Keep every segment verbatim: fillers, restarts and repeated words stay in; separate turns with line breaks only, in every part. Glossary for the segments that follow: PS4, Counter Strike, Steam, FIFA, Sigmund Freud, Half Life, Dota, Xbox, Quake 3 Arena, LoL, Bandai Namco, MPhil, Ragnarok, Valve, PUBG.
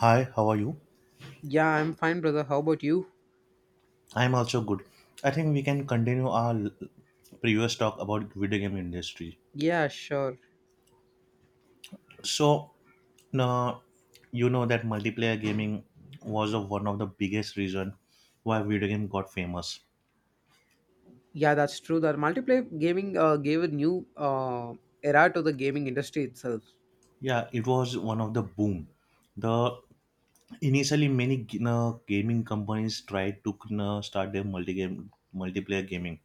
Hi, how are you?
Yeah, I'm fine, brother. How about you?
I'm also good. I think we can continue our l- previous talk about video game industry.
Yeah, sure.
So, now, you know that multiplayer gaming was of one of the biggest reason why video game got famous.
Yeah, that's true. That multiplayer gaming uh, gave a new uh, era to the gaming industry itself.
Yeah, it was one of the boom. The initially many g- na, gaming companies tried to na, start their multi game multiplayer gaming,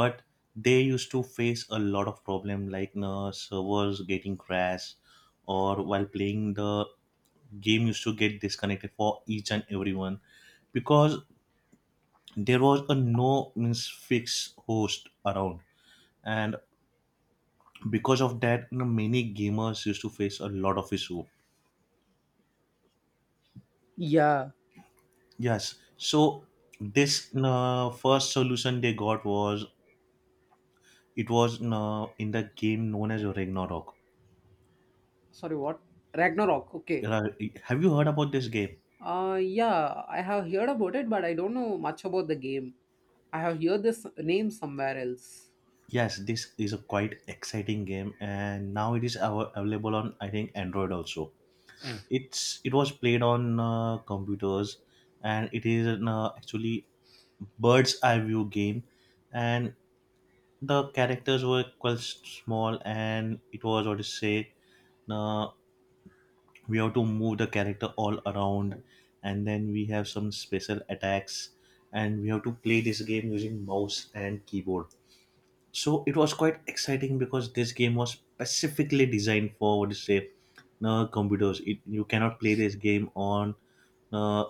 but they used to face a lot of problem like uh, servers getting crashed, or while playing the game used to get disconnected for each and everyone, because there was a no means fixed host around. And because of that, you know, many gamers used to face a lot of issue.
Yeah.
Yes, so this uh, first solution they got was, it was uh, in the game known as Ragnarok.
Sorry, what? Ragnarok. Okay.
Uh, have you heard about this game?
Uh, yeah, I have heard about it, but I don't know much about the game. I have heard this name somewhere else.
Yes, this is a quite exciting game, and now it is av- available on I think Android also. It's, it was played on uh, computers, and it is an, uh, actually bird's eye view game, and the characters were quite small, and it was what to say. Now we have to move the character all around, and then we have some special attacks, and we have to play this game using mouse and keyboard. So it was quite exciting because this game was specifically designed for what do you say, no, computers, it, you cannot play this game on, uh,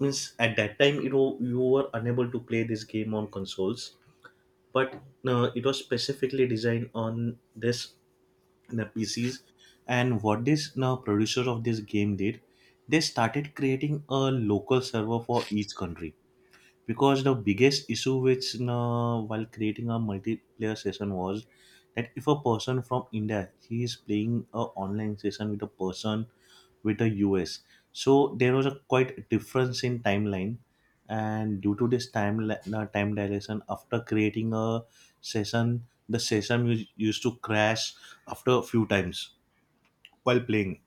means at that time it wa- you were unable to play this game on consoles, but uh, it was specifically designed on this the P Cs. And what this now producer of this game did, they started creating a local server for each country, because the biggest issue, which, you know, while creating a multiplayer session, was that if a person from India, he is playing a online session with a person with the US, so there was a quite difference in timeline. And due to this time li- uh, time dilation, after creating a session, the session us- used to crash after a few times while playing.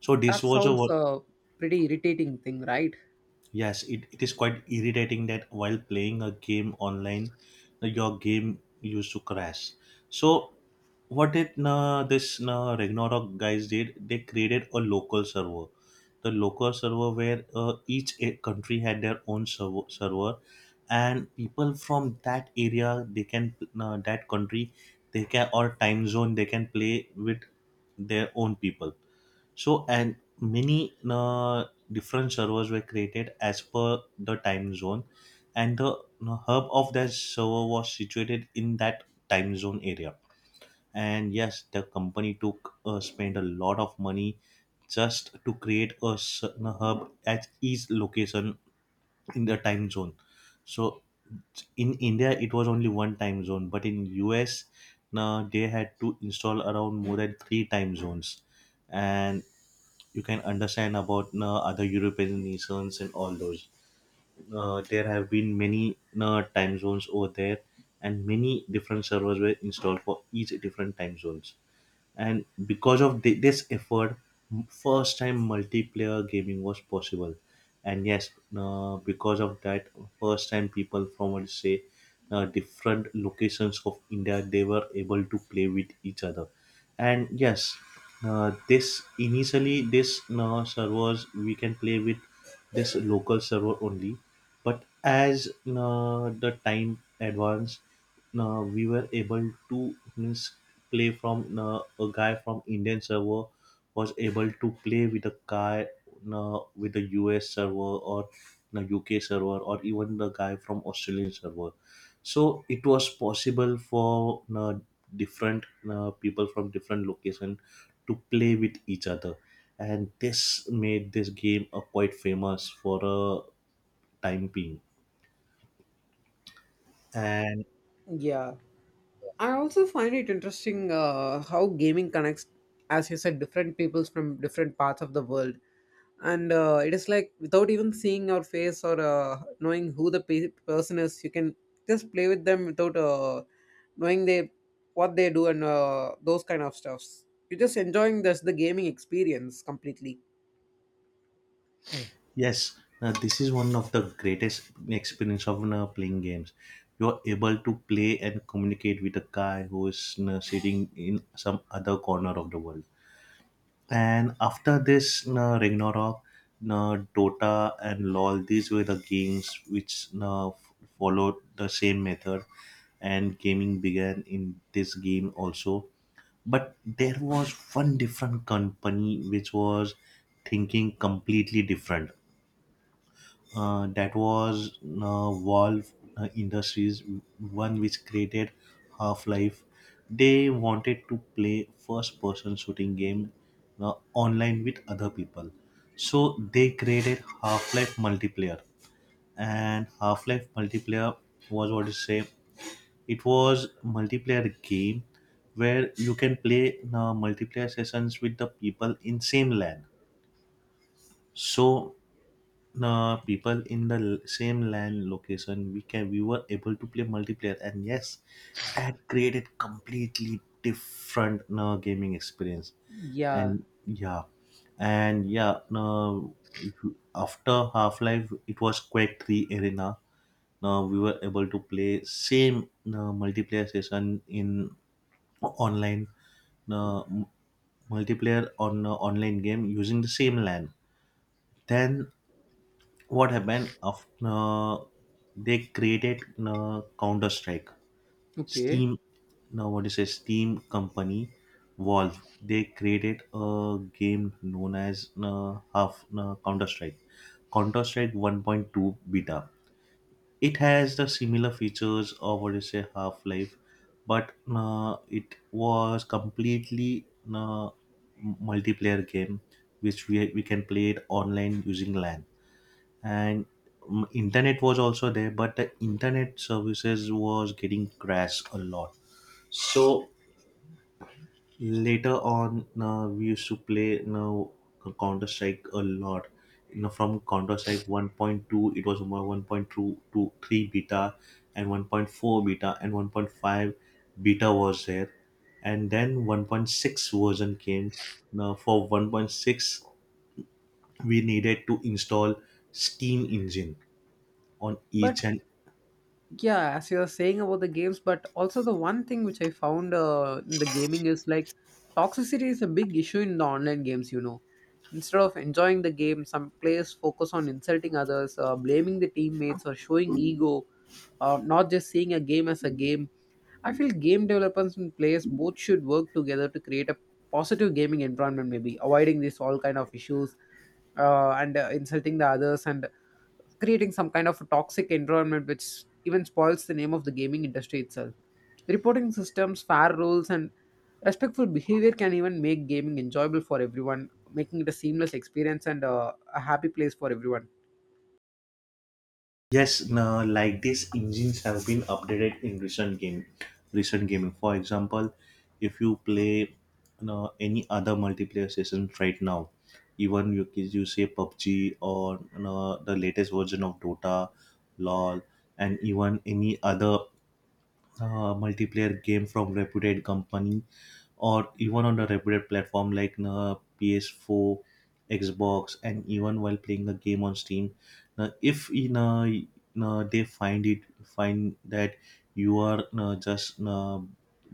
So this
That
was a...
sounds a pretty irritating thing, right?
Yes, it, it is quite irritating that while playing a game online, uh, your game used to crash. So what did uh, this uh, Ragnarok guys did? They created a local server. The local server where uh, each a- country had their own server, server, and people from that area, they can, uh, that country, they can, or time zone, they can play with their own people. So, and many uh, different servers were created as per the time zone, and the uh, hub of that server was situated in that time zone area. And yes, the company took, uh, spent a lot of money just to create a certain hub at each location in the time zone. So, in India, it was only one time zone, but in U S, now they had to install around more than three time zones, and you can understand about uh, other European nations and all those. Uh, there have been many uh, time zones over there, and many different servers were installed for each different time zones. And because of thi- this effort, m- first time multiplayer gaming was possible. And yes, uh, because of that, first time people from, let's say, uh, different locations of India, they were able to play with each other. And yes, uh, this initially this uh, servers we can play with this local server only, but as uh, the time advance, uh, we were able to, means, play from, uh, a guy from Indian server was able to play with a guy, uh, with the U S server or the U K server or even the guy from Australian server. So it was possible for uh, different uh, people from different location to play with each other, and this made this game uh, quite famous for a time being. And...
Yeah. I also find it interesting uh, how gaming connects, as you said, different peoples from different parts of the world. And uh, it is like without even seeing your face or uh, knowing who the pe- person is, you can just play with them without uh, knowing they what they do and uh, those kind of stuffs. You're just enjoying this the gaming experience completely.
Yes, uh, this is one of the greatest experience of uh, playing games. You are able to play and communicate with a guy who is uh, sitting in some other corner of the world. And after this, uh, Ragnarok, uh, Dota, and LoL, these were the games which uh, f- followed the same method, and gaming began in this game also. But there was one different company which was thinking completely different, uh, that was uh, Valve uh, Industries, one which created Half Life. They wanted to play first person shooting game uh, online with other people. So they created Half Life multiplayer. And Half Life multiplayer was, what you say, it was multiplayer game where you can play uh, multiplayer sessions with the people in same LAN. So the people in the l- same land location, we can we were able to play multiplayer. And yes, that created completely different uh, gaming experience.
Yeah,
And yeah and yeah uh, after half-life it was quake three arena. Now we were able to play same uh, multiplayer session in online, uh, m- multiplayer on uh, online game using the same LAN. Then what happened after, uh, they created uh, counter strike,
okay.
steam. Now what is a steam company, Valve, they created a game known as uh, half uh, counter strike counter strike one point two beta. It has the similar features of what is a half life, but uh, it was completely uh, multiplayer game which we, we can play it online using LAN. And mm, internet was also there, but the internet services was getting crashed a lot. So later on, uh, we used to play, you know, counter strike a lot. You know from counter strike one point two it was more one point two to three beta and one point four beta and one point five beta was there, and then one point six version came. Now for one point six we needed to install steam engine on
But
each and...
yeah, as you're saying about the games, but also the one thing which I found uh, in the gaming is like toxicity is a big issue in the online games, you know, instead of enjoying the game some players focus on insulting others, uh, blaming the teammates or showing ego, uh, not just seeing a game as a game. I feel game developers and players both should work together to create a positive gaming environment, maybe avoiding these all kind of issues uh, and uh, insulting the others and creating some kind of toxic environment which even spoils the name of the gaming industry itself. Reporting systems, fair rules, and respectful behavior can even make gaming enjoyable for everyone, making it a seamless experience and uh, a happy place for everyone.
Yes, now like these engines have been updated in recent game, recent gaming. For example, if you play uh, any other multiplayer sessions right now, even you you say PUBG, or you the latest version of Dota, LOL, and even any other uh, multiplayer game from reputed company or even on a reputed platform like uh, P S four, Xbox, and even while playing a game on Steam. Now, if in uh, uh, they find it find that you are uh, just uh,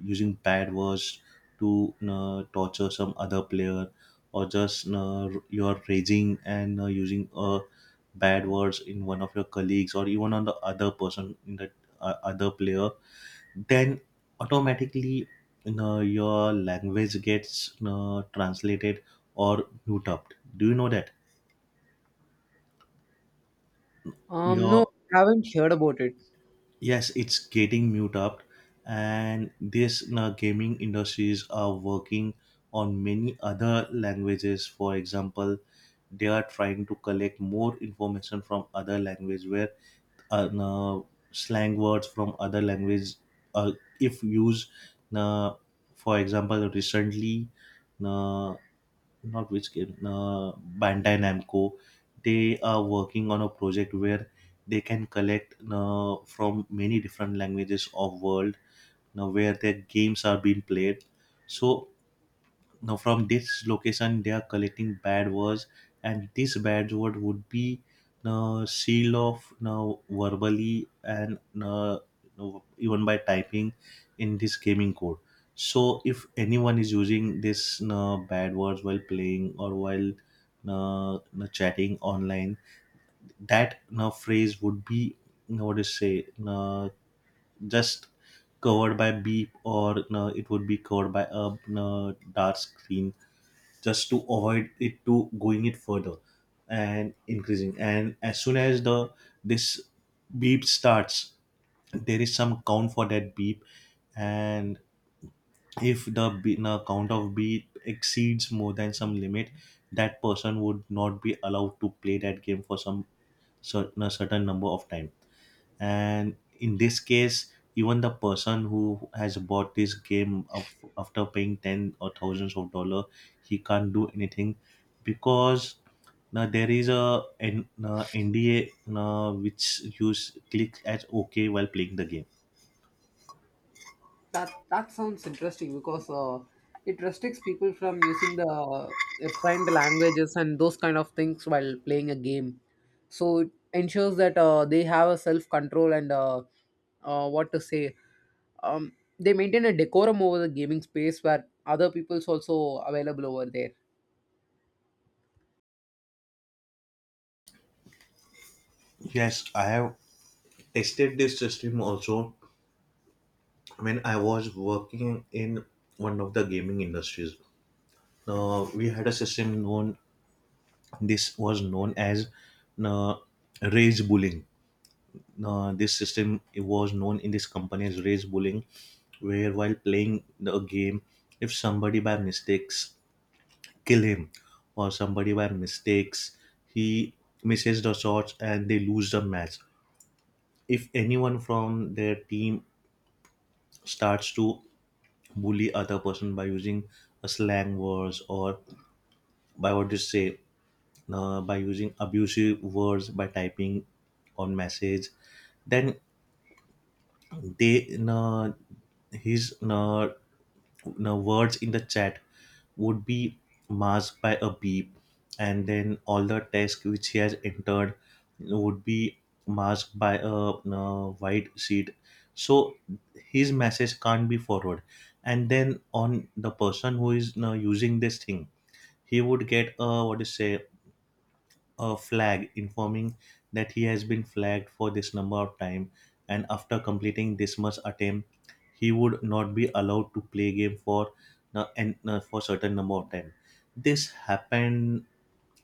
using bad words to uh, torture some other player, or just uh, you are raging and uh, using uh, bad words in one of your colleagues or even on the other person in the, uh, other player, then automatically, you know, your language gets, you know, translated or mute up. Do you know that?
Um, no,
Your...
I haven't heard about it.
yes, it's getting mute up, and this, you know, gaming industries are working on many other languages. For example, they are trying to collect more information from other language where, uh, you slang words from other language, uh, if used. You, for example, recently. You, not which game, uh, Bandai Namco. They are working on a project where they can collect, uh, from many different languages of world now where their games are being played. So now from this location they are collecting bad words, and this bad word would be uh, sealed off now verbally and, uh, even by typing in this gaming code. So if anyone is using this uh, bad words while playing or while, uh, uh, chatting online, that uh, phrase would be, uh, what to say, uh, just covered by beep, or uh, it would be covered by a uh, dark screen, just to avoid it to going it further and increasing. And as soon as the, this beep starts, there is some count for that beep, and if the, be- the count of beep exceeds more than some limit, that person would not be allowed to play that game for some certain, a certain number of time. And in this case, even the person who has bought this game of, after paying ten or thousands of dollar, he can't do anything, because now there is a an uh, N D A, uh, which you s- click as okay while playing the game.
That that sounds interesting because uh, it restricts people from using the uh, refined languages and those kind of things while playing a game. So it ensures that uh, they have a self control and uh, uh, what to say. Um, they maintain a decorum over the gaming space where other people's also available over there.
Yes, I have tested this system also when I was working in one of the gaming industries. Uh, we had a system known, this was known as uh, rage bullying. Uh, this system was known in this company as race bullying, where while playing the game, if somebody by mistakes kill him, or somebody by mistakes he misses the shots and they lose the match. If anyone from their team starts to bully other person by using a slang words or by what you say, uh, by using abusive words by typing on message, then they uh, his uh, uh, words in the chat would be masked by a beep, and then all the text which he has entered would be masked by a uh, white sheet so his message can't be forwarded. And then on the person who is uh, using this thing, he would get a what do say, a flag informing that he has been flagged for this number of time, and after completing this much attempt he would not be allowed to play game for na- and uh, for certain number of time. This happened,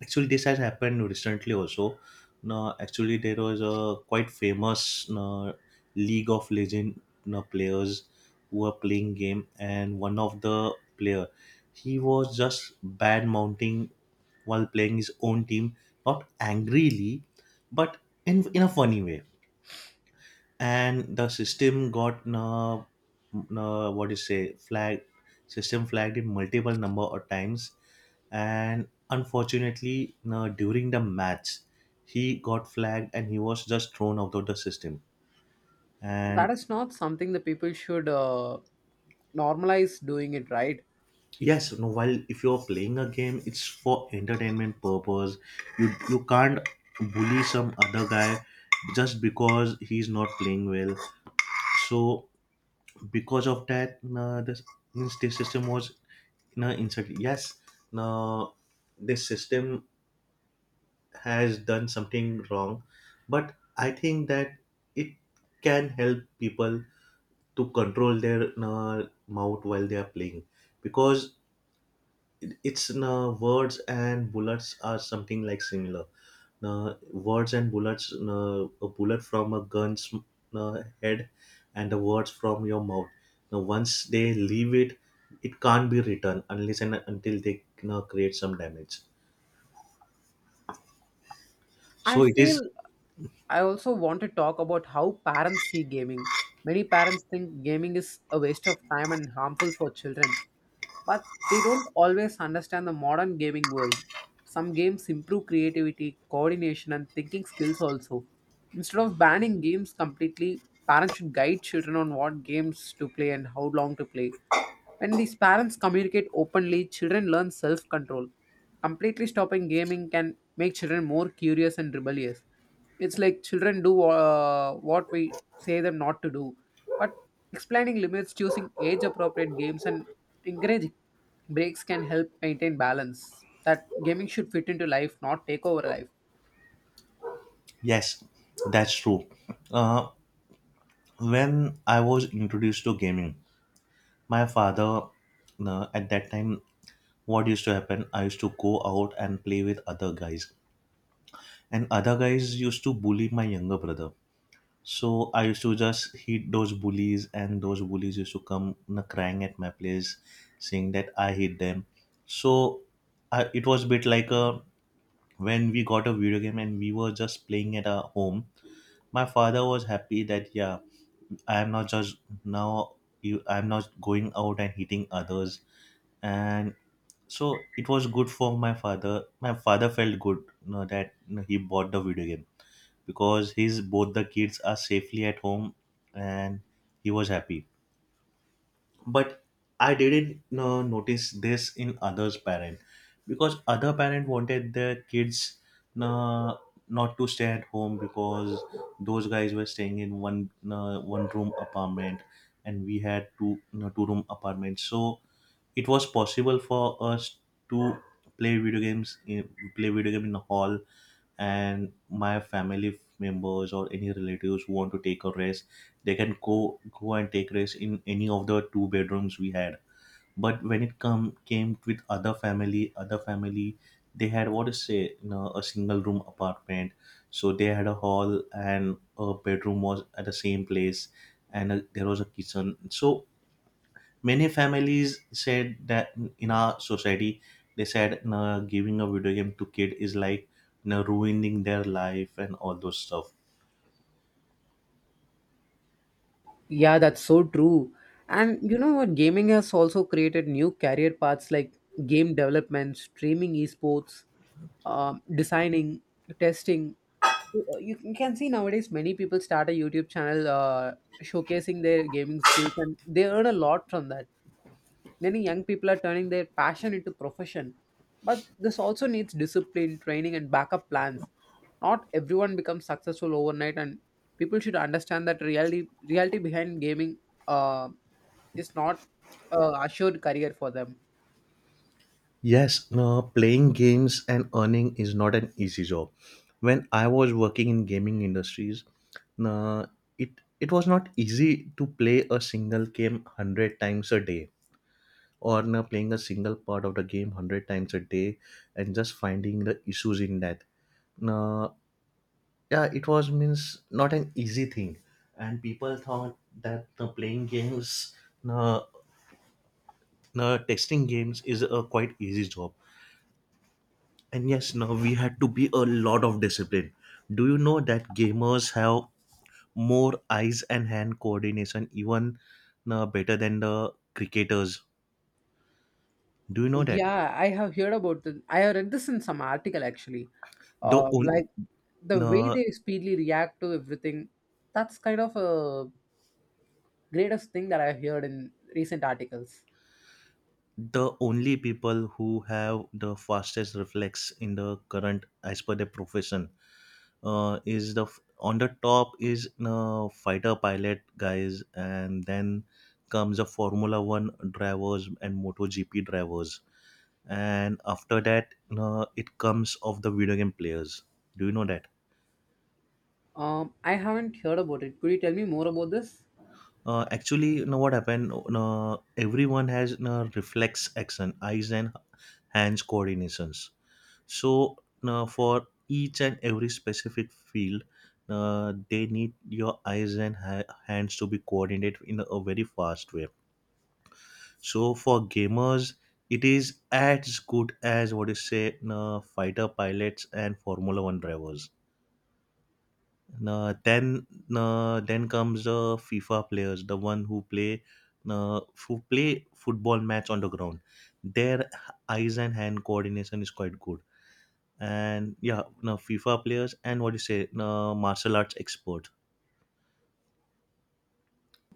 actually this has happened recently also. No, actually there was a quite famous no, league of legend no, players who were playing game, and one of the player, he was just bad mounting while playing his own team, not angrily but in in a funny way, and the system got uh, uh, what do you say, flag, system flagged it multiple number of times, and unfortunately uh, during the match he got flagged and he was just thrown out of the system.
That
And
is not something the people should uh, normalize doing it, right.
yes, no, while if you're playing a game it's for entertainment purpose, you you can't bully some other guy just because he's not playing well. So because of that uh, the, means the system was uh, insulted. Yes, now this system has done something wrong, but I think that it can help people to control their uh, mouth while they are playing, because it's uh, words and bullets are something like similar. Uh, words and bullets, uh, a bullet from a gun's uh, head, and the words from your mouth. Now, once they leave it, it can't be returned unless and until they uh, create some damage.
I
So it
feel
is.
I also want to talk about how parents see gaming. Many parents think gaming is a waste of time and harmful for children, but they don't always understand the modern gaming world. Some games improve creativity, coordination, and thinking skills also. Instead of banning games completely, parents should guide children on what games to play and how long to play. When these parents communicate openly, children learn self control. Completely stopping gaming can make children more curious and rebellious. It's like children do uh, what we say them not to do, but explaining limits, choosing age appropriate games, and encouraging breaks can help maintain balance. That gaming should fit into life, not take over life.
Yes, that's true. Uh, when I was introduced to gaming, my father uh, at that time, what used to happen, I used to go out and play with other guys. And other guys used to bully my younger brother. So I used to just hit those bullies, and those bullies used to come, you know, crying at my place, saying that I hit them. So I, it was a bit like a, when we got a video game and we were just playing at our home. My father was happy that yeah, I am not just now, you, I am not going out and hitting others, and so it was good for my father. My father felt good, you know, that you know, he bought the video game because his both the kids are safely at home, and he was happy. But I didn't uh, notice this in others parent, because other parent wanted their kids uh, not to stay at home, because those guys were staying in one uh, one room apartment, and we had two, you two room apartments, so it was possible for us to play video games in play video game in the hall, and my family members or any relatives who want to take a rest, they can go go and take rest in any of the two bedrooms we had. But when it come came with other family other family, they had what to say, you know, a single room apartment, so they had a hall and a bedroom was at the same place, and uh there was a kitchen. So many families said that in our society, they said, "Nah, giving a video game to kid is like nah, ruining their life and all those stuff."
Yeah, that's so true. And you know what? Gaming has also created new career paths like game development, streaming esports, um, designing, testing. Uh, You you can see nowadays many people start a YouTube channel uh, showcasing their gaming skills and they earn a lot from that. Many young people are turning their passion into profession, but this also needs discipline, training, and backup plans. Not everyone becomes successful overnight, and people should understand that reality reality behind gaming uh, is not a assured career for them.
Yes, no, playing games and earning is not an easy job. When I was working in gaming industries, no, it it was not easy to play a single game one hundred times a day, or no, playing a single part of the game one hundred times a day, and just finding the issues in that. No, yeah it was means not an easy thing, and people thought that the playing games, the, the testing games is a quite easy job, and yes now we had to be a lot of discipline. Do you know that gamers have more eyes and hand coordination even uh, better than the cricketers? Do you know that?
Yeah, I have heard about this. I have read this in some article actually.
the
Uh,
on,
like the way
uh,
they speedily react to everything, that's kind of a greatest thing that I've heard in recent articles.
the only people who have the fastest reflex in the current as per their profession uh, is the f- on the top is uh, fighter pilot guys, and then comes the formula one drivers and moto gp drivers, and after that uh, it comes of the video game players. Do you know that?
Um, I haven't heard about it. Could you tell me more about this?
Uh, actually you know what happened, uh, everyone has uh, reflex action, eyes and hands coordinations. So uh, for each and every specific field, uh, they need your eyes and ha- hands to be coordinated in a very fast way. So for gamers, it is as good as what you say, uh, fighter pilots and Formula One drivers. Uh, then uh, then comes the FIFA players, the one who play uh, who play football match on the ground. Their eyes and hand coordination is quite good, and yeah no fifa players and what do you say, no martial arts expert.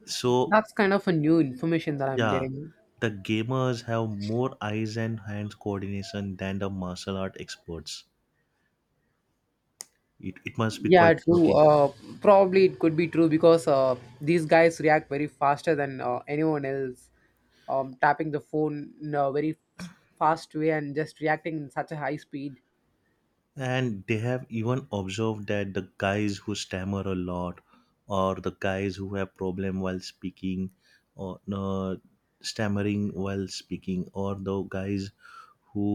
So
That's kind of a new information that I'm
yeah,
getting.
the gamers have more eyes and hands coordination than the martial art experts. It, it must be quite
Yeah, true.
shocking.
Uh, probably it could be true because uh, these guys react very faster than uh, anyone else. Um, tapping the phone in a very fast way and just reacting in such a high speed.
And they have even observed that the guys who stammer a lot, or the guys who have problem while speaking, or no stammering while speaking, or the guys who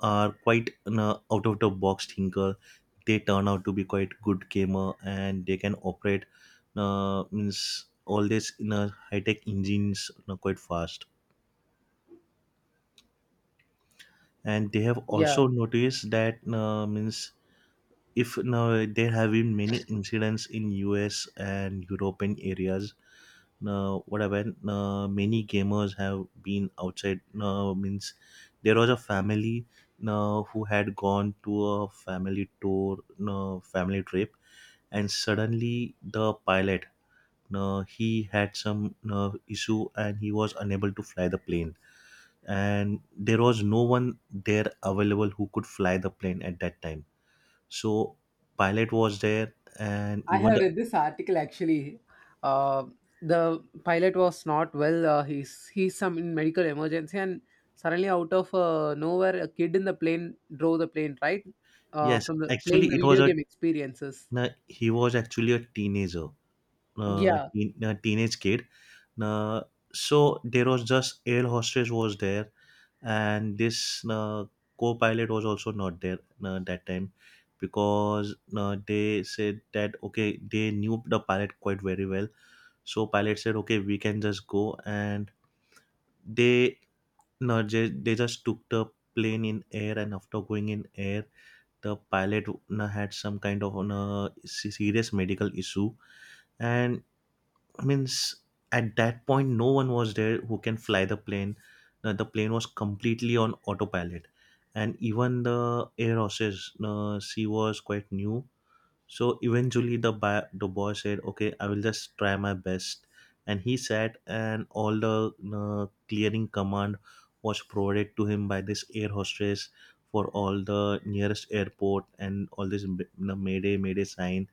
are quite an out of the box thinker, they turn out to be quite good gamer, and they can operate uh, means all this in a high tech engines, you quite fast. And they have
Yeah.
also noticed that uh, means if now there have been many incidents in U S and European areas. uh, what happened, uh, many gamers have been outside uh, means there was a family uh, who had gone to a family tour, uh, family trip, and suddenly the pilot, uh, he had some uh, issue and he was unable to fly the plane, and there was no one there available who could fly the plane at that time. So pilot was there, and
I
even
have
the,
read this article actually. Uh, the pilot was not well. Uh, he's he's some in medical emergency, and suddenly out of uh, nowhere, a kid in the plane drove the plane, right, uh,
yes
from the playing
actually
the
it was
video
a,
game experiences.
no, he was actually a teenager, uh,
Yeah,
teen, uh, teenage kid. Uh, so there was just air hostess was there, and this uh, co-pilot was also not there uh, that time, because uh, they said that okay, they knew the pilot quite very well. So pilot said okay, we can just go, and they, no they, they just took the plane in air, and after going in air the pilot uh, had some kind of uh, se- serious medical issue, and I mean, s- at that point, no one was there who can fly the plane. Uh, the plane was completely on autopilot, and even the air hostess, uh, she was quite new. So eventually, the ba- the boy said, "Okay, I will just try my best," and he sat, and all the uh, clearing command was provided to him by this air hostess for all the nearest airport and all this m- the Mayday Mayday sign,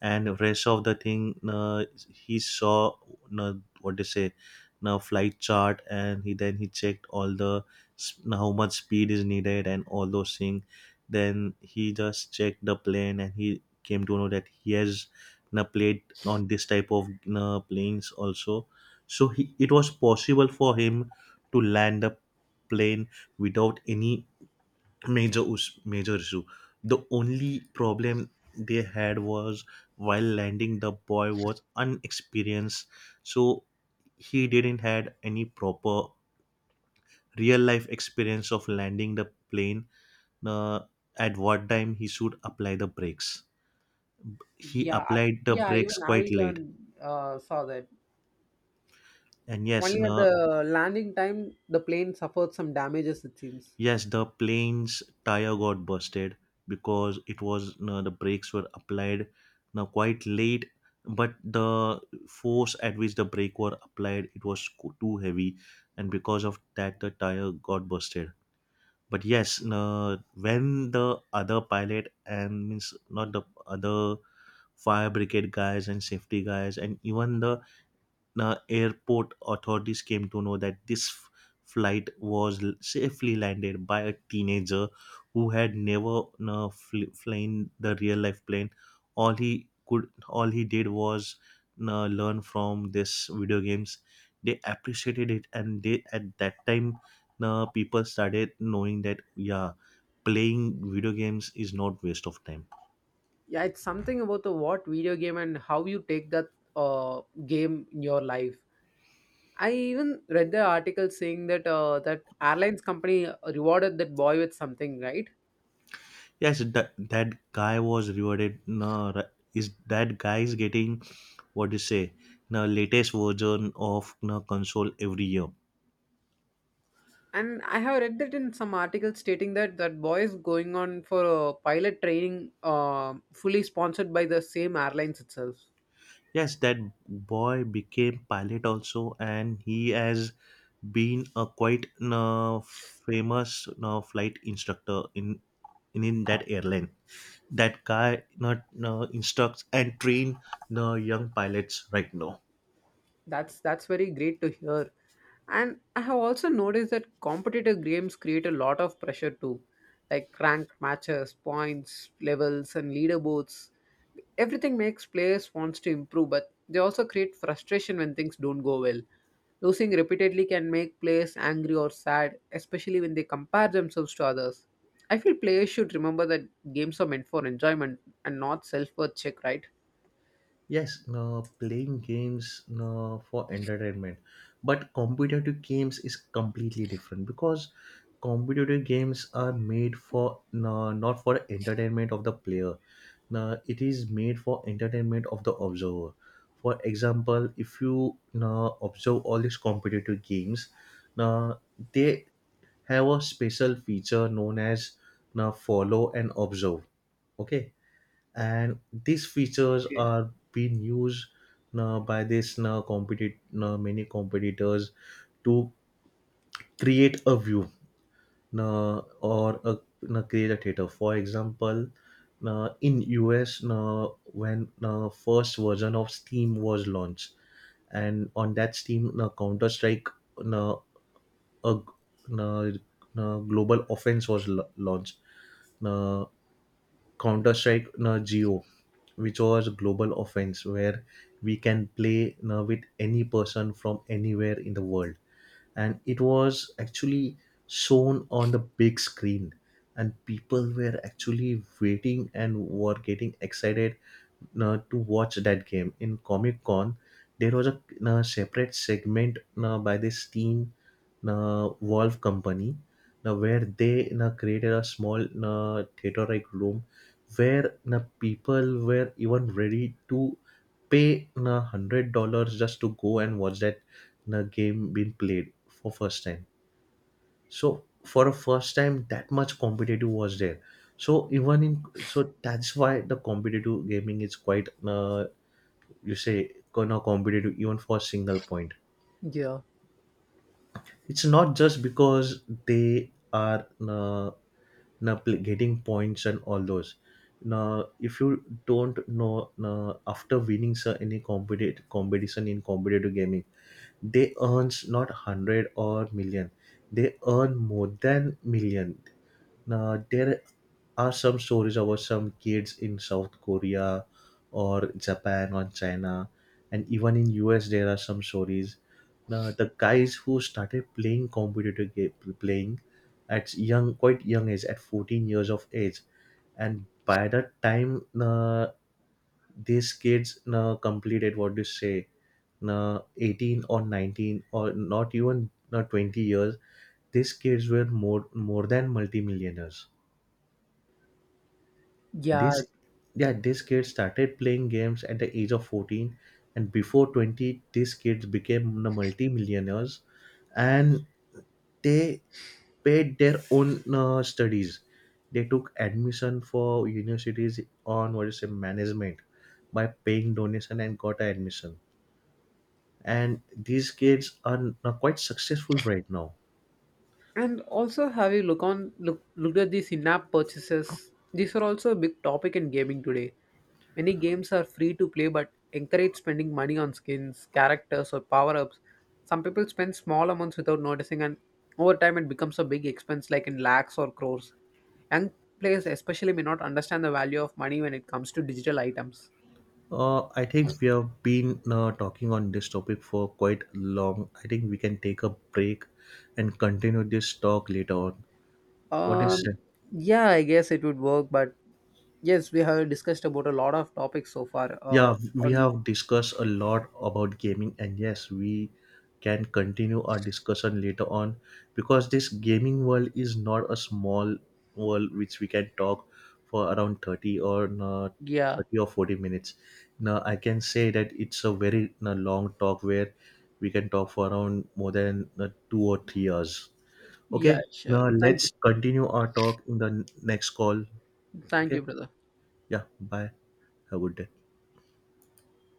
and rest of the thing uh, he saw uh, what they say, now flight chart, and he then he checked all the s- how much speed is needed and all those things. Then he just checked the plane and he came to know that he has na played on this type of na planes also, so he, it was possible for him to land a plane without any major us- major issue. The only problem they had was, while landing the boy was unexperienced, so he didn't had any proper real life experience of landing the plane, uh, at what time he should apply the brakes. He
yeah, I-
applied the
yeah.
brakes
Even
quite
I
late,
learned uh, saw that
and yes
only at
no.
the landing time the plane suffered some damages. It seems.
Yes, the plane's tire got busted because it was, no, the brakes were applied now quite late, but the force at which the brake were applied, it was co- too heavy, and because of that the tire got busted. But yes, no, when the other pilot and means not the other, fire brigade guys and safety guys and even the the airport authorities came to know that this f- flight was l- safely landed by a teenager who had never uh, fl- flown the real life plane, all he could all he did was uh, learn from this video games, they appreciated it. And they at that time, uh, people started knowing that yeah, playing video games is not waste of time.
Yeah, it's something about the what video game and how you take that uh, game in your life. I even read the article saying that uh, that airlines company uh, rewarded that boy with something, right?
Yes, that that guy was rewarded. No, ri-, is that guy is getting what you say, the latest version of the console every year.
And I have read that in some article stating that that boy is going on for a pilot training, uh, fully sponsored by the same airlines itself.
Yes, that boy became pilot also, and he has been a quite uh, famous uh, flight instructor in, in in that airline. That guy not uh, instructs and train the young pilots right now.
That's that's very great to hear. And I have also noticed that competitive games create a lot of pressure too, like rank matches, points, levels, and leaderboards. Everything makes players wants to improve, but they also create frustration when things don't go well. Losing repeatedly can make players angry or sad, especially when they compare themselves to others. I feel players should remember that games are meant for enjoyment and not self-worth check, right?
Yes, no, playing games no, for entertainment, but competitive games is completely different, because competitive games are made for no, not for entertainment of the player. No, it is made for entertainment of the observer. For example, if you no, observe all these competitive games, no, they have a special feature known as no, follow and observe. Okay, and these features
Okay.
are being used now by this now competi- now many competitors to create a view, now or a now create a theater. For example, now in us, now when now first version of steam was launched, and on that steam, now counter strike, now a now, now global offense was la- launched. Now counter-strike na geo, which was global offense, where we can play na with any person from anywhere in the world, and it was actually shown on the big screen, and people were actually waiting and were getting excited uh, to watch that game in Comic Con. There was a uh, separate segment uh, by this team, uh, Valve company, uh, where they uh, created a small uh, theater-like room where uh, people were even ready to pay uh, one hundred dollars just to go and watch that uh, game being played for first time. So for a first time, that much competitive was there. So even in, so that's why the competitive gaming is quite uh, you say kind of competitive even for a single point.
Yeah.
It's not just because they are uh, na pl- getting points and all those. Now if you don't know na, after winning sir, any competitive competition in competitive gaming, they earns not one hundred or million, they earn more than million. Now, there are some stories about some kids in South Korea or Japan or China, and even in U S there are some stories. Now, the guys who started playing competitor game, playing at young, quite young age, at fourteen years of age, and by the time uh, these kids uh, completed what do you say, uh, eighteen or nineteen or not even uh, twenty years, these kids were more more than multimillionaires.
Yeah,
This, yeah, this kids started playing games at the age of fourteen, and before twenty these kids became the multi-millionaires, and they paid their own uh, studies. They took admission for universities on what is it, management, by paying donation and got admission. And these kids are n-, quite successful right now.
and also, have you look on look looked at these in-app purchases? These are also a big topic in gaming today. Many games are free to play, but encourage spending money on skins, characters, or power-ups. Some people spend small amounts without noticing, and over time, it becomes a big expense, like in lakhs or crores. Young players, especially, may not understand the value of money when it comes to digital items.
Uh, I think we have been uh, talking on this topic for quite long. I think we can take a break and continue this talk later on. What is,
Um, yeah, I guess it would work, but yes, we have discussed about a lot of topics so far. Uh,
yeah, we
on
have discussed a lot about gaming, and yes, we can continue our discussion later on, because this gaming world is not a small world which we can talk for around thirty or uh,
yeah.
30 or forty minutes. Now, I can say that it's a very uh, long talk where we can talk for around more than uh, two or three hours.
Yeah,
Okay,
sure.
now
Thank you.
let's continue our talk in the n- next call.
Thank
Okay,
you, brother.
yeah, bye. Have a good day.